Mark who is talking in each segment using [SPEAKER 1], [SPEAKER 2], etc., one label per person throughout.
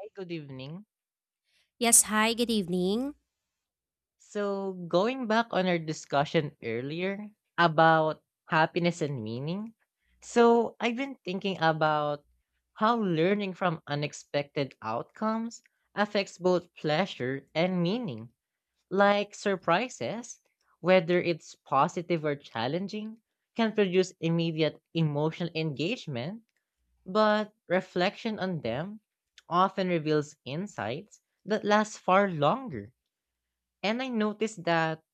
[SPEAKER 1] Hi, good evening.
[SPEAKER 2] Yes, hi, good evening.
[SPEAKER 1] So, going back on our discussion earlier about happiness and meaning, so I've been thinking about how learning from unexpected outcomes affects both pleasure and meaning. Like surprises, whether it's positive or challenging, can produce immediate emotional engagement, but reflection on them often reveals insights that last far longer. And I noticed that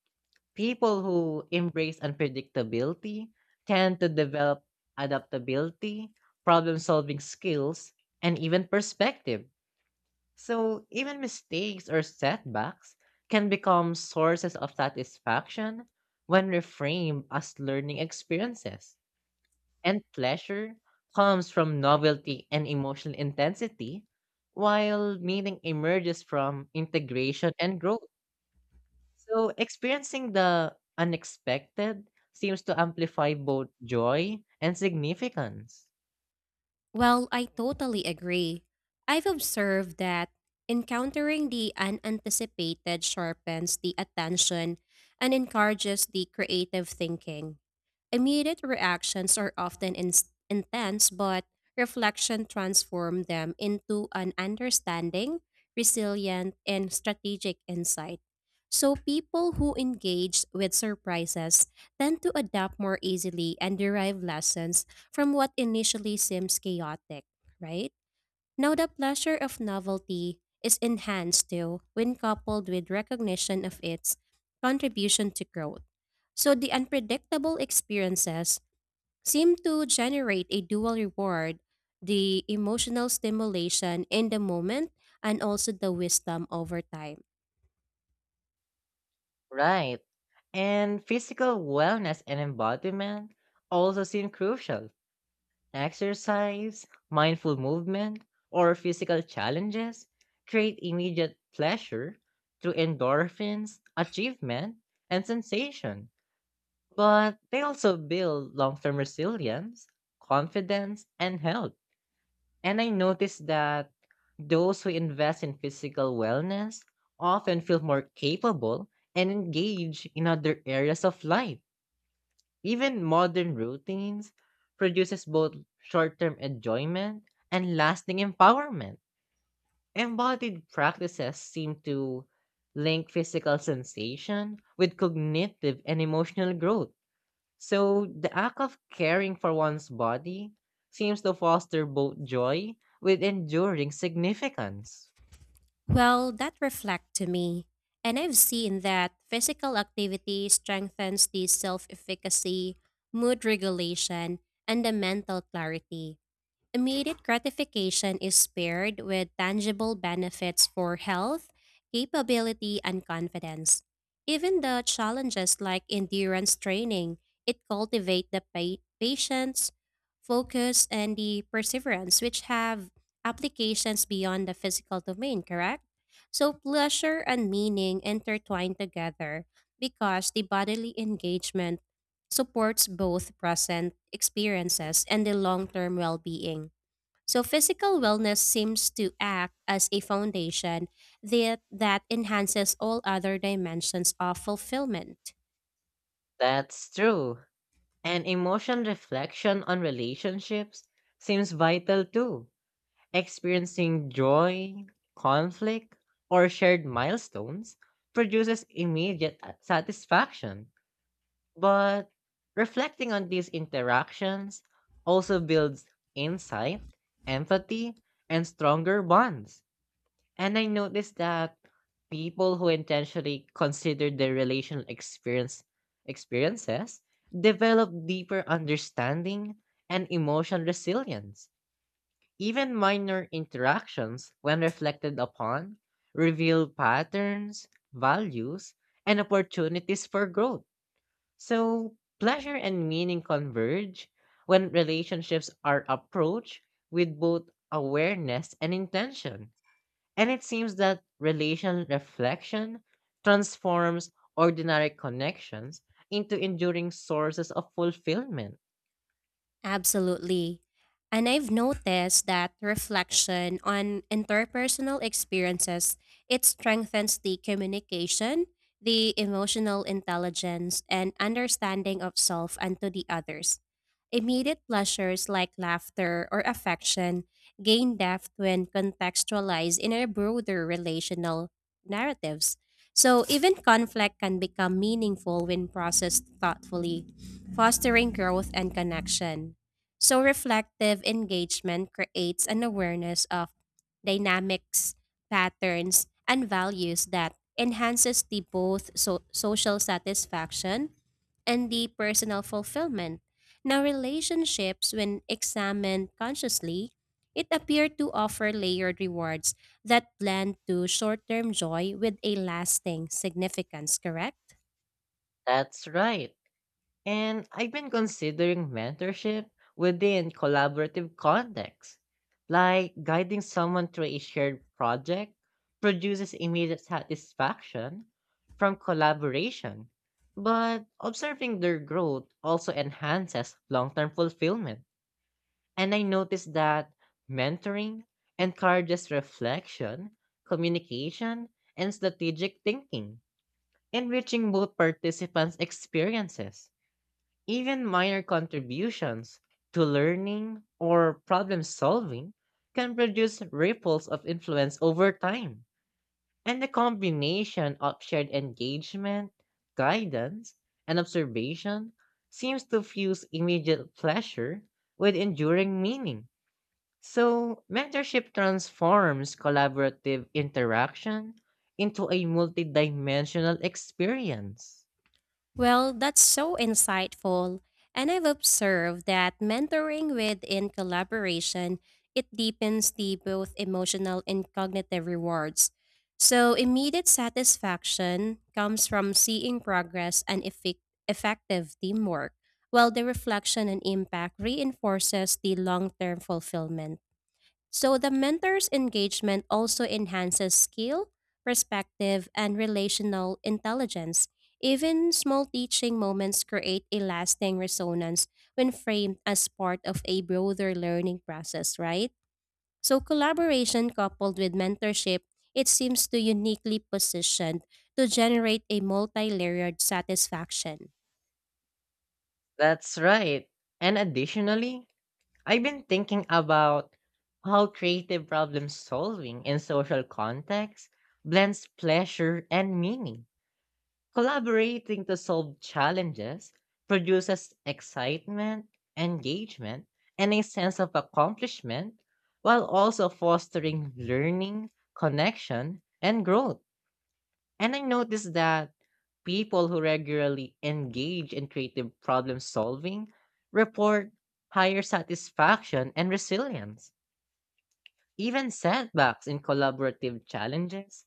[SPEAKER 1] people who embrace unpredictability tend to develop adaptability, problem solving skills, and even perspective. So even mistakes or setbacks can become sources of satisfaction when reframed as learning experiences. And pleasure comes from novelty and emotional intensity, while meaning emerges from integration and growth. So, experiencing the unexpected seems to amplify both joy and significance.
[SPEAKER 2] Well, I totally agree. I've observed that encountering the unanticipated sharpens the attention and encourages the creative thinking. Immediate reactions are often intense, but reflection transforms them into an understanding, resilient, and strategic insight. So, people who engage with surprises tend to adapt more easily and derive lessons from what initially seems chaotic, right? Now, the pleasure of novelty is enhanced too when coupled with recognition of its contribution to growth. So, the unpredictable experiences seem to generate a dual reward, the emotional stimulation in the moment and also the wisdom over time.
[SPEAKER 1] Right. And physical wellness and embodiment also seem crucial. Exercise, mindful movement, or physical challenges create immediate pleasure through endorphins, achievement, and sensation. But they also build long term resilience, confidence, and health. And I noticed that those who invest in physical wellness often feel more capable and engage in other areas of life. Even modern routines produces both short-term enjoyment and lasting empowerment. Embodied practices seem to link physical sensation with cognitive and emotional growth, so the act of caring for one's body seems to foster both joy with enduring significance.
[SPEAKER 2] Well, that reflect to me. And I've seen that physical activity strengthens the self efficacy, mood regulation, and the mental clarity. Immediate gratification is paired with tangible benefits for health, capability, and confidence. Even the challenges like endurance training, it cultivate the patience, focus, and the perseverance, which have applications beyond the physical domain, correct? So pleasure and meaning intertwine together because the bodily engagement supports both present experiences and the long-term well-being. So physical wellness seems to act as a foundation that enhances all other dimensions of fulfillment.
[SPEAKER 1] That's true. And emotional reflection on relationships seems vital too. Experiencing joy, conflict, or shared milestones produces immediate satisfaction. But reflecting on these interactions also builds insight, empathy, and stronger bonds. And I noticed that people who intentionally consider their relational experiences develop deeper understanding and emotional resilience. Even minor interactions, when reflected upon, reveal patterns, values, and opportunities for growth. So, pleasure and meaning converge when relationships are approached with both awareness and intention. And it seems that relation reflection transforms ordinary connections into enduring sources of fulfillment.
[SPEAKER 2] Absolutely. And I've noticed that reflection on interpersonal experiences, it strengthens the communication, the emotional intelligence, and understanding of self and to the others. Immediate pleasures like laughter or affection gain depth when contextualized in a broader relational narratives. So even conflict can become meaningful when processed thoughtfully, fostering growth and connection. So reflective engagement creates an awareness of dynamics, patterns, and values that enhances the both social satisfaction and the personal fulfillment. Now relationships when examined consciously, it appear to offer layered rewards that blend to short-term joy with a lasting significance, correct?
[SPEAKER 1] That's right. And I've been considering mentorship within collaborative context. Like guiding someone through a shared project produces immediate satisfaction from collaboration, but observing their growth also enhances long term fulfillment. And I noticed that mentoring encourages reflection, communication, and strategic thinking, enriching both participants' experiences. Even minor contributions to learning or problem solving can produce ripples of influence over time. And the combination of shared engagement, guidance, and observation seems to fuse immediate pleasure with enduring meaning, so mentorship transforms collaborative interaction into a multidimensional experience.
[SPEAKER 2] Well, that's so insightful. And I've observed that mentoring within collaboration, it deepens the both emotional and cognitive rewards. So immediate satisfaction comes from seeing progress and effective teamwork, while the reflection and impact reinforces the long-term fulfillment. So the mentor's engagement also enhances skill, perspective, and relational intelligence. Even small teaching moments create a lasting resonance when framed as part of a broader learning process, right? So collaboration coupled with mentorship, it seems to uniquely positioned to generate a multi-layered satisfaction.
[SPEAKER 1] That's right. And additionally, I've been thinking about how creative problem solving in social context blends pleasure and meaning. Collaborating to solve challenges produces excitement, engagement, and a sense of accomplishment, while also fostering learning, connection, and growth. And I noticed that people who regularly engage in creative problem solving report higher satisfaction and resilience. Even setbacks in collaborative challenges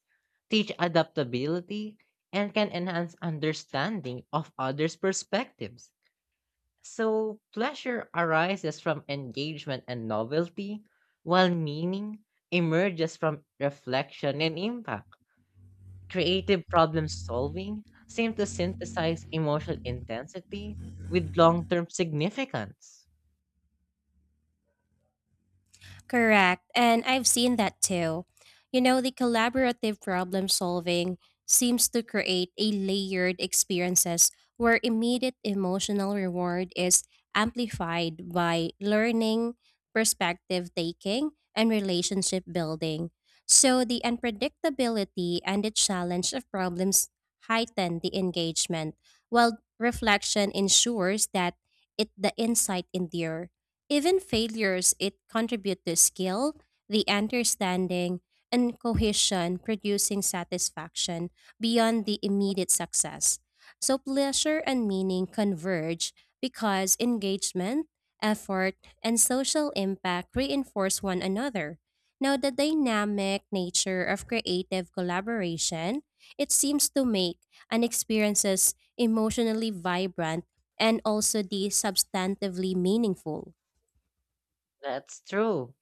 [SPEAKER 1] teach adaptability and can enhance understanding of others' perspectives. So, pleasure arises from engagement and novelty, while meaning emerges from reflection and impact. Creative problem solving seems to synthesize emotional intensity with long term significance.
[SPEAKER 2] Correct. And I've seen that too. You know, the collaborative problem solving seems to create a layered experiences where immediate emotional reward is amplified by learning, perspective taking, and relationship building. So the unpredictability and the challenge of problems heighten the engagement, while reflection ensures that it the insight endure. Even failures it contribute to skill, the understanding, and cohesion producing satisfaction beyond the immediate success. So pleasure and meaning converge because engagement, effort, and social impact reinforce one another. Now the dynamic nature of creative collaboration, it seems to make an experiences emotionally vibrant and also the substantively meaningful.
[SPEAKER 1] That's true.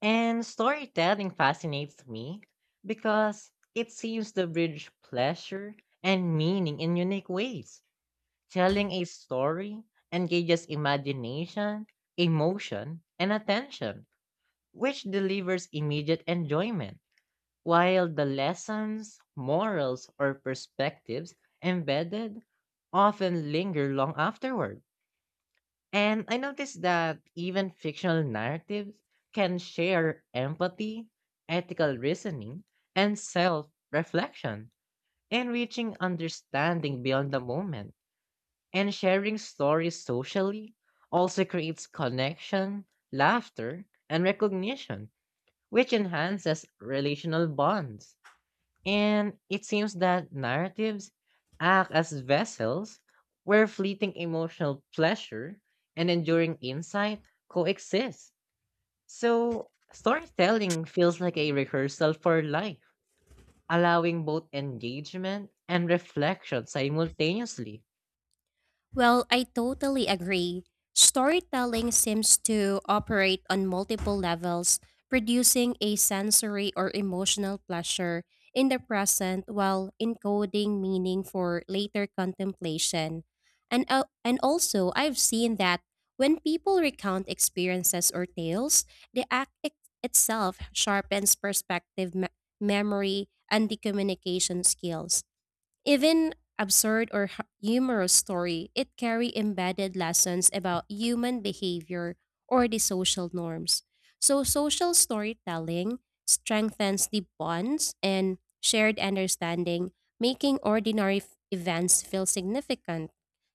[SPEAKER 1] And storytelling fascinates me because it seems to bridge pleasure and meaning in unique ways. Telling a story engages imagination, emotion, and attention, which delivers immediate enjoyment, while the lessons, morals, or perspectives embedded often linger long afterward. And I noticed that even fictional narratives can share empathy, ethical reasoning, and self reflection, and reaching understanding beyond the moment. And sharing stories socially also creates connection, laughter, and recognition, which enhances relational bonds. And it seems that narratives act as vessels where fleeting emotional pleasure and enduring insight coexist. So, storytelling feels like a rehearsal for life, allowing both engagement and reflection simultaneously.
[SPEAKER 2] Well, I totally agree. Storytelling seems to operate on multiple levels, producing a sensory or emotional pleasure in the present while encoding meaning for later contemplation. And also, I've seen that when people recount experiences or tales, the act itself sharpens perspective, memory, and the communication skills. Even absurd or humorous story, it carry embedded lessons about human behavior or the social norms. So social storytelling strengthens the bonds and shared understanding, making ordinary events feel significant.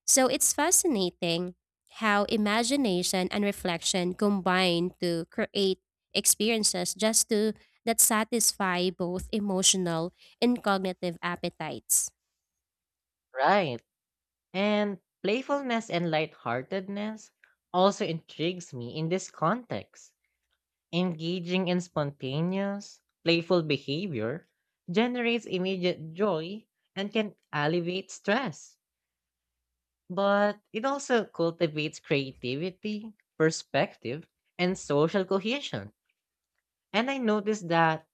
[SPEAKER 2] So it's fascinating how imagination and reflection combine to create experiences just to that satisfy both emotional and cognitive appetites.
[SPEAKER 1] Right. And playfulness and lightheartedness also intrigues me in this context. Engaging in spontaneous, playful behavior generates immediate joy and can alleviate stress. But it also cultivates creativity, perspective, and social cohesion. And I noticed that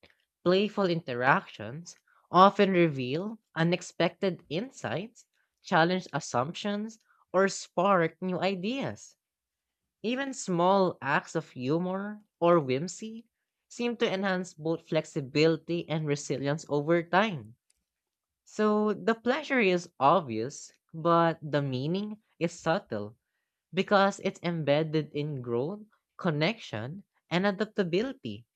[SPEAKER 1] playful interactions often reveal unexpected insights, challenge assumptions, or spark new ideas. Even small acts of humor or whimsy seem to enhance both flexibility and resilience over time. So the pleasure is obvious, but the meaning is subtle because it's embedded in growth, connection, and adaptability.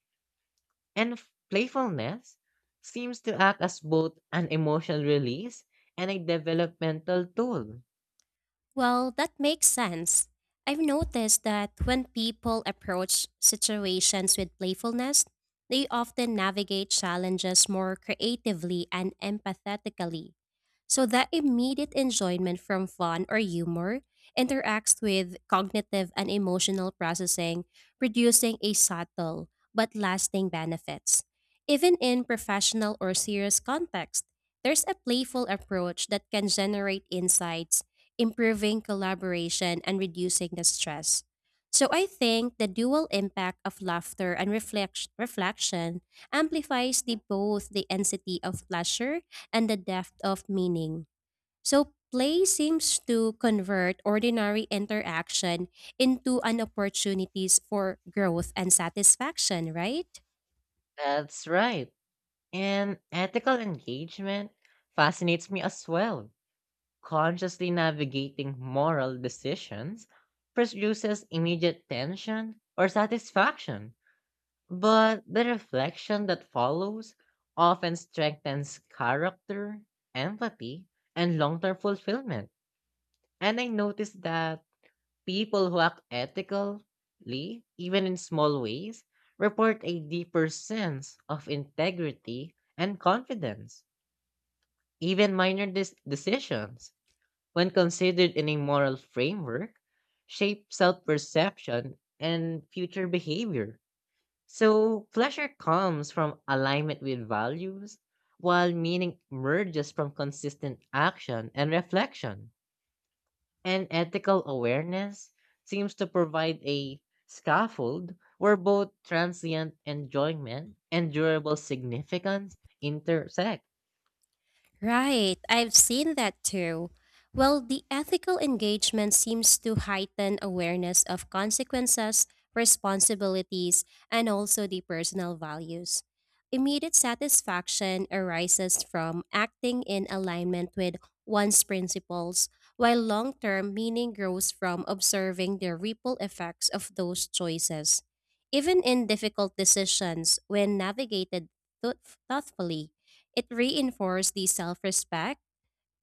[SPEAKER 1] And playfulness seems to act as both an emotional release and a developmental tool.
[SPEAKER 2] Well, that makes sense. I've noticed that when people approach situations with playfulness, they often navigate challenges more creatively and empathetically. So the immediate enjoyment from fun or humor interacts with cognitive and emotional processing, producing a subtle but lasting benefits. Even in professional or serious context, there's a playful approach that can generate insights improving collaboration and reducing the stress. So I think the dual impact of laughter and reflection amplifies both the intensity of pleasure and the depth of meaning. So play seems to convert ordinary interaction into an opportunities for growth and satisfaction, right?
[SPEAKER 1] That's right. And ethical engagement fascinates me as well. Consciously navigating moral decisions produces immediate tension or satisfaction, but the reflection that follows often strengthens character, empathy, and long term fulfillment. And I noticed that people who act ethically, even in small ways, report a deeper sense of integrity and confidence. Even minor decisions, when considered in a moral framework, shape self perception and future behavior. So, pleasure comes from alignment with values, while meaning emerges from consistent action and reflection. And ethical awareness seems to provide a scaffold where both transient enjoyment and durable significance intersect.
[SPEAKER 2] Right, I've seen that too. Well, the ethical engagement seems to heighten awareness of consequences, responsibilities, and also the personal values. Immediate satisfaction arises from acting in alignment with one's principles, while long term meaning grows from observing the ripple effects of those choices. Even in difficult decisions, when navigated thought- thoughtfully, it reinforced the self respect,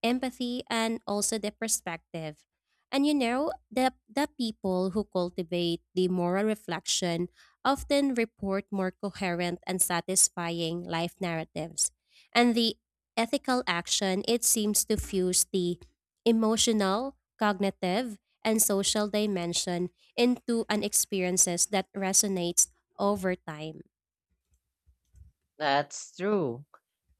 [SPEAKER 2] empathy, and also the perspective. And you know, the people who cultivate the moral reflection often report more coherent and satisfying life narratives. And the ethical action, it seems to fuse the emotional, cognitive, and social dimension into an experiences that resonates over time.
[SPEAKER 1] That's true.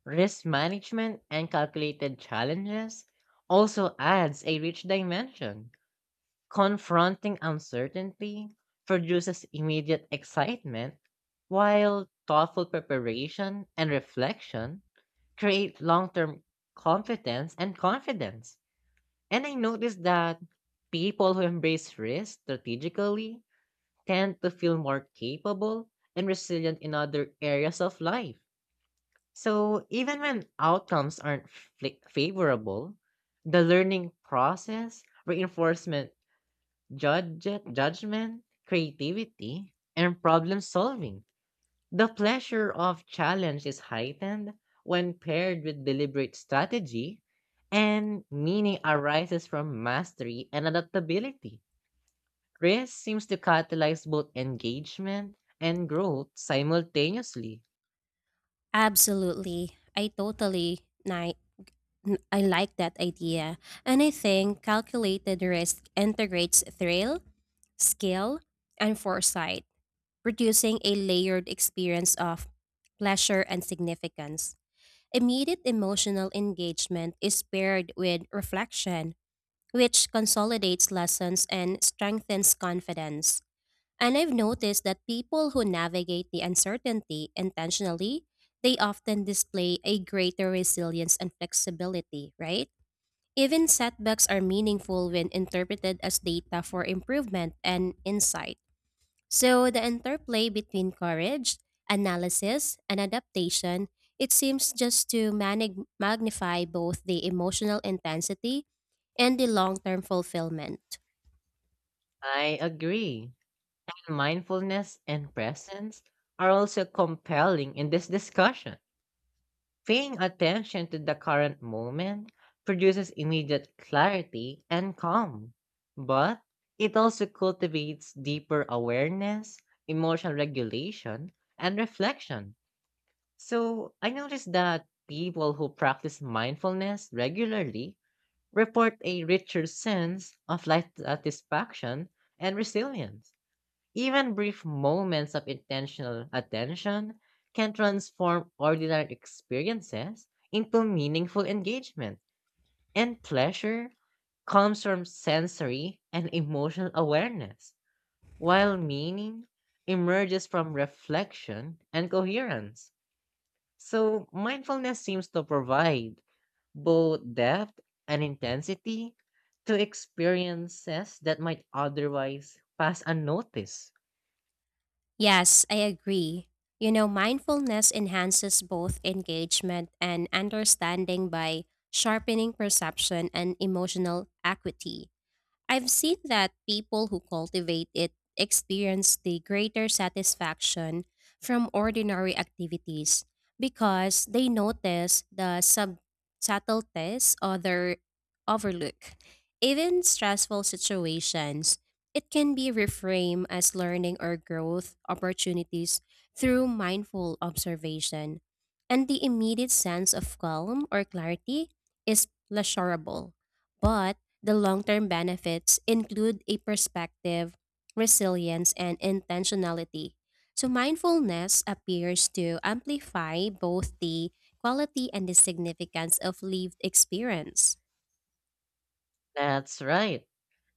[SPEAKER 1] Risk management and calculated challenges also adds a rich dimension. Confronting uncertainty produces immediate excitement, while thoughtful preparation and reflection create long-term competence and confidence. And I noticed that people who embrace risk strategically tend to feel more capable and resilient in other areas of life. So, even when outcomes aren't favorable, the learning process, reinforcement, judgment, creativity, and problem solving. The pleasure of challenge is heightened when paired with deliberate strategy, and meaning arises from mastery and adaptability. Risk seems to catalyze both engagement and growth simultaneously.
[SPEAKER 2] Absolutely. I totally ni- N- I like that idea. And I think calculated risk integrates thrill, skill, and foresight, producing a layered experience of pleasure and significance. Immediate emotional engagement is paired with reflection, which consolidates lessons and strengthens confidence. And I've noticed that people who navigate the uncertainty intentionally, they often display a greater resilience and flexibility, right? Even setbacks are meaningful when interpreted as data for improvement and insight. So the interplay between courage, analysis, and adaptation, it seems just to magnify both the emotional intensity and the long-term fulfillment.
[SPEAKER 1] I agree. Mindfulness and presence are also compelling in this discussion. Paying attention to the current moment produces immediate clarity and calm, but it also cultivates deeper awareness, emotional regulation, and reflection. So I noticed that people who practice mindfulness regularly report a richer sense of life satisfaction and resilience. Even brief moments of intentional attention can transform ordinary experiences into meaningful engagement, and pleasure comes from sensory and emotional awareness, while meaning emerges from reflection and coherence. So, mindfulness seems to provide both depth and intensity to experiences that might otherwise pass unnoticed.
[SPEAKER 2] Yes, I agree. You know, mindfulness enhances both engagement and understanding by sharpening perception and emotional acuity. I've seen that people who cultivate it experience the greater satisfaction from ordinary activities because they notice the subtleties other overlook. Even stressful situations, it can be reframed as learning or growth opportunities through mindful observation. And the immediate sense of calm or clarity is pleasurable, but the long term benefits include a perspective, resilience, and intentionality. So, mindfulness appears to amplify both the quality and the significance of lived experience.
[SPEAKER 1] That's right.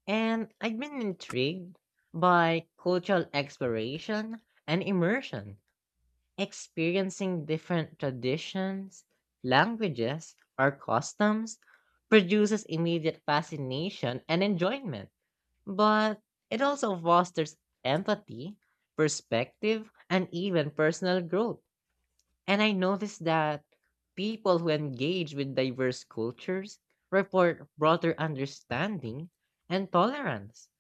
[SPEAKER 1] And I've been intrigued by cultural exploration and immersion. Experiencing different traditions, languages, or customs produces immediate fascination and enjoyment, but it also fosters empathy, perspective, and even personal growth. And I noticed that people who engage with diverse cultures report broader understanding and tolerance.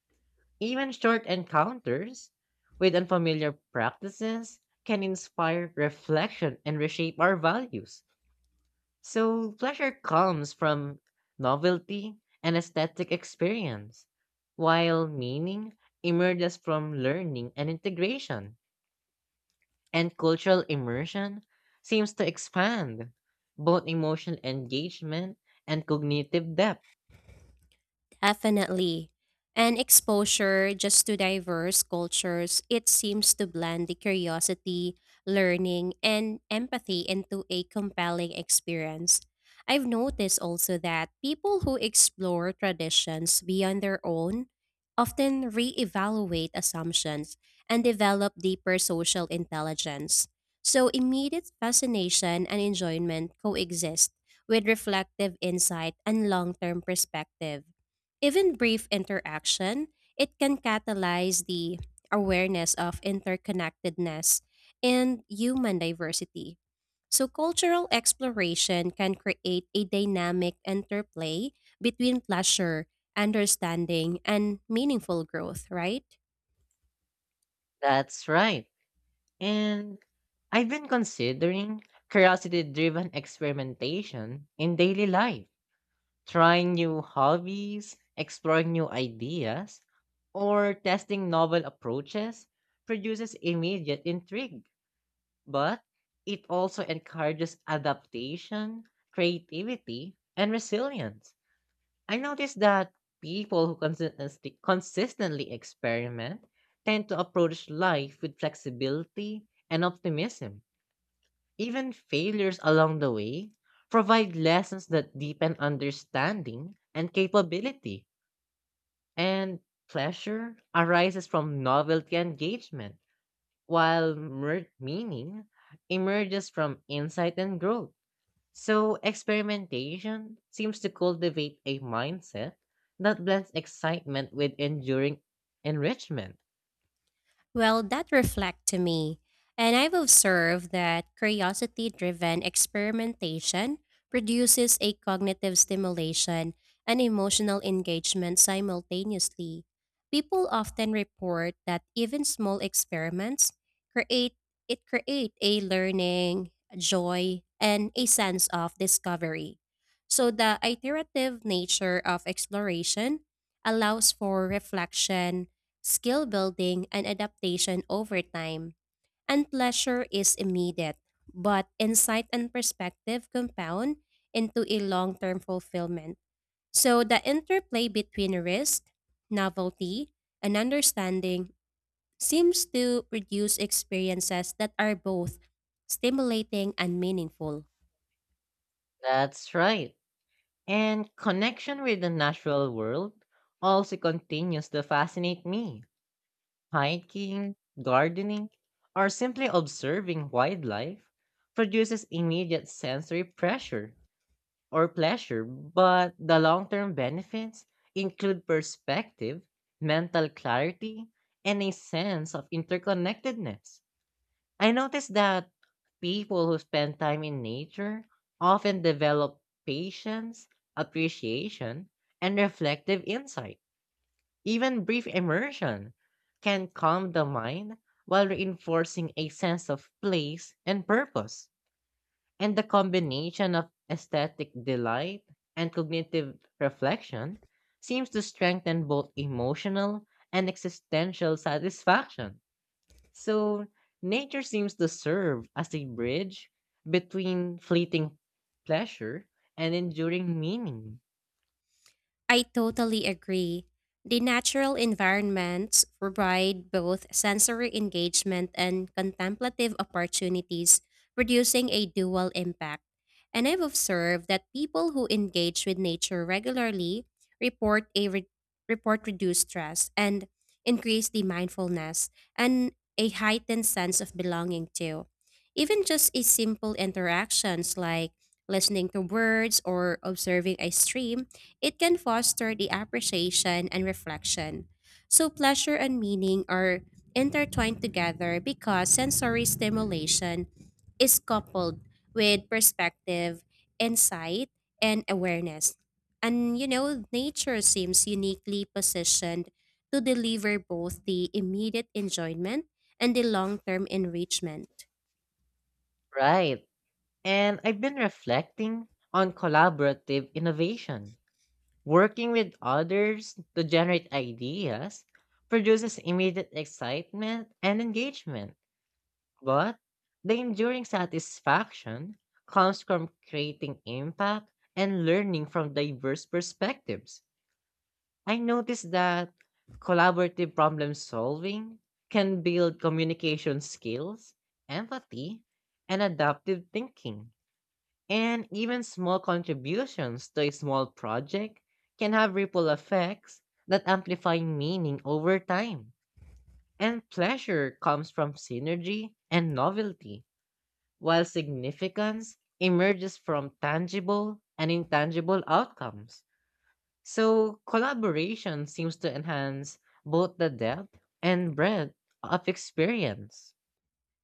[SPEAKER 1] Even short encounters with unfamiliar practices can inspire reflection and reshape our values. So, pleasure comes from novelty and aesthetic experience, while meaning emerges from learning and integration. And cultural immersion seems to expand both emotional engagement and cognitive depth.
[SPEAKER 2] Definitely. And exposure just to diverse cultures, it seems to blend the curiosity, learning, and empathy into a compelling experience. I've noticed also that people who explore traditions beyond their own often reevaluate assumptions and develop deeper social intelligence. So immediate fascination and enjoyment coexist with reflective insight and long-term perspective. Even brief interaction, it can catalyze the awareness of interconnectedness and human diversity. So, cultural exploration can create a dynamic interplay between pleasure, understanding, and meaningful growth, right?
[SPEAKER 1] That's right. And I've been considering curiosity driven experimentation in daily life. Trying new hobbies, exploring new ideas, or testing novel approaches produces immediate intrigue, but it also encourages adaptation, creativity, and resilience. I noticed that people who consistently experiment tend to approach life with flexibility and optimism. Even failures along the way provide lessons that deepen understanding and capability. And pleasure arises from novelty and engagement, while meaning emerges from insight and growth. So, experimentation seems to cultivate a mindset that blends excitement with enduring enrichment.
[SPEAKER 2] Well, that reflect to me. And I've observed that curiosity driven experimentation produces a cognitive stimulation and emotional engagement simultaneously. People often report that even small experiments create create a learning, joy, and a sense of discovery. So the iterative nature of exploration allows for reflection skill building, and adaptation over time. And pleasure is immediate, but insight and perspective compound into a long term fulfillment. So the interplay between risk, novelty, and understanding seems to produce experiences that are both stimulating and meaningful.
[SPEAKER 1] That's right. And connection with the natural world also continues to fascinate me. Hiking, gardening, or simply observing wildlife produces immediate sensory pressure or pleasure, but the long term benefits include perspective, mental clarity, and a sense of interconnectedness. I noticed that people who spend time in nature often develop patience, appreciation, and reflective insight. Even brief immersion can calm the mind while reinforcing a sense of place and purpose. And the combination of aesthetic delight and cognitive reflection seems to strengthen both emotional and existential satisfaction. So, nature seems to serve as a bridge between fleeting pleasure and enduring meaning.
[SPEAKER 2] I totally agree. The natural environments provide both sensory engagement and contemplative opportunities, producing a dual impact. And I've observed that people who engage with nature regularly report a re- report reduced stress and increase the mindfulness and a heightened sense of belonging too. Even just a simple interactions like listening to birds or observing a stream it can foster the appreciation and reflection. So, pleasure and meaning are intertwined together because sensory stimulation is coupled with perspective, insight, and awareness. And you know, nature seems uniquely positioned to deliver both the immediate enjoyment and the long term enrichment.
[SPEAKER 1] Right. And I've been reflecting on collaborative innovation. Working with others to generate ideas produces immediate excitement and engagement, but the enduring satisfaction comes from creating impact and learning from diverse perspectives. I noticed that collaborative problem solving can build communication skills, empathy, and adaptive thinking, and even small contributions to a small project can have ripple effects that amplify meaning over time. And pleasure comes from synergy and novelty, while significance emerges from tangible and intangible outcomes. So, collaboration seems to enhance both the depth and breadth of experience.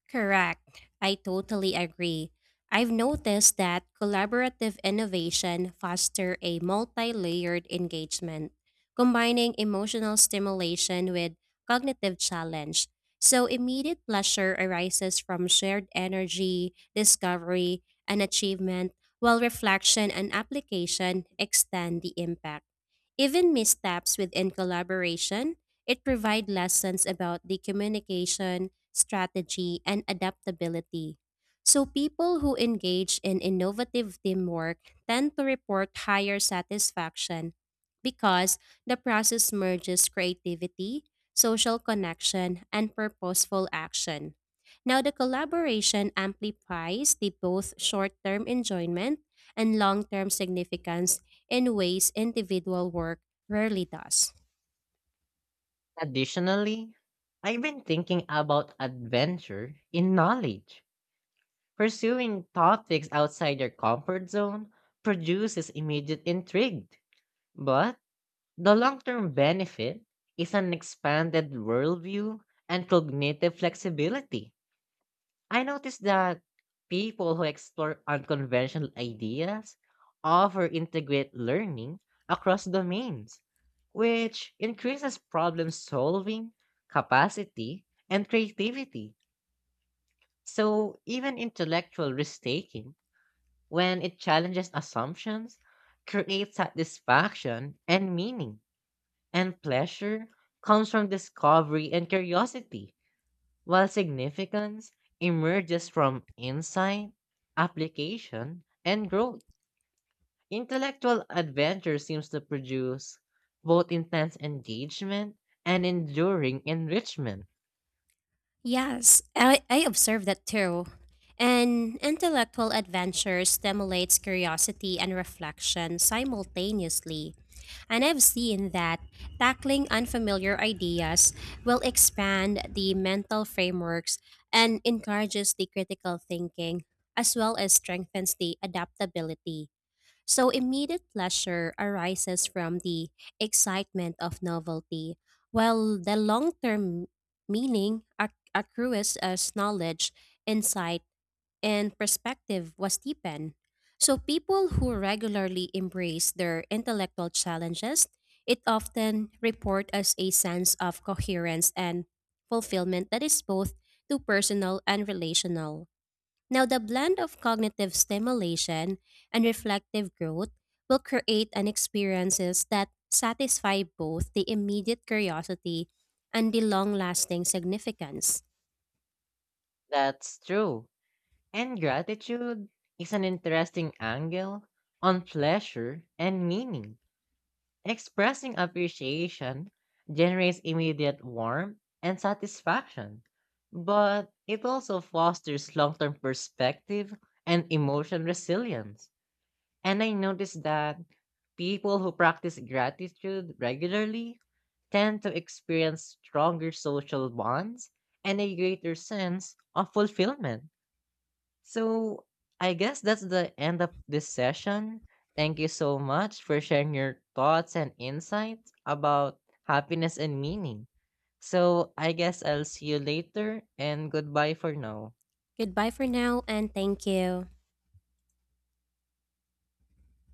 [SPEAKER 2] Correct. I totally agree. I've noticed that collaborative innovation foster a multi-layered engagement, combining emotional stimulation with cognitive challenge. So immediate pleasure arises from shared energy, discovery, and achievement, while reflection and application extend the impact. Even missteps within collaboration it provides lessons about the communication, strategy, and adaptability. So people who engage in innovative teamwork tend to report higher satisfaction because the process merges creativity, social connection, and purposeful action. Now, the collaboration amplifies the both short term enjoyment and long term significance in ways individual work rarely does.
[SPEAKER 1] Additionally, I've been thinking about adventure in knowledge. Pursuing topics outside your comfort zone produces immediate intrigue, but the long term benefit is an expanded worldview and cognitive flexibility. I noticed that people who explore unconventional ideas offer integrate learning across domains, which increases problem solving, capacity, and creativity. So, even intellectual risk taking, when it challenges assumptions, creates satisfaction and meaning. And pleasure comes from discovery and curiosity, while significance emerges from insight, application, and growth. Intellectual adventure seems to produce both intense engagement and enduring enrichment.
[SPEAKER 2] Yes, I observe that too. An intellectual adventure stimulates curiosity and reflection simultaneously, and I've seen that tackling unfamiliar ideas will expand the mental frameworks and encourages the critical thinking, as well as strengthens the adaptability. So immediate pleasure arises from the excitement of novelty, while the long term meaning accrues as knowledge, insight, and perspective was deepened. So people who regularly embrace their intellectual challenges, it often report as a sense of coherence and fulfillment that is both to personal and relational. Now, the blend of cognitive stimulation and reflective growth will create an experiences that satisfy both the immediate curiosity and the long-lasting significance.
[SPEAKER 1] That's true. And gratitude is an interesting angle on pleasure and meaning. Expressing appreciation generates immediate warmth and satisfaction, but it also fosters long term perspective and emotional resilience. And I noticed that people who practice gratitude regularly tend to experience stronger social bonds and a greater sense of fulfillment. So I guess that's the end of this session. Thank you so much for sharing your thoughts and insights about happiness and meaning. So I guess I'll see you later and goodbye for now.
[SPEAKER 2] Goodbye for now and thank you.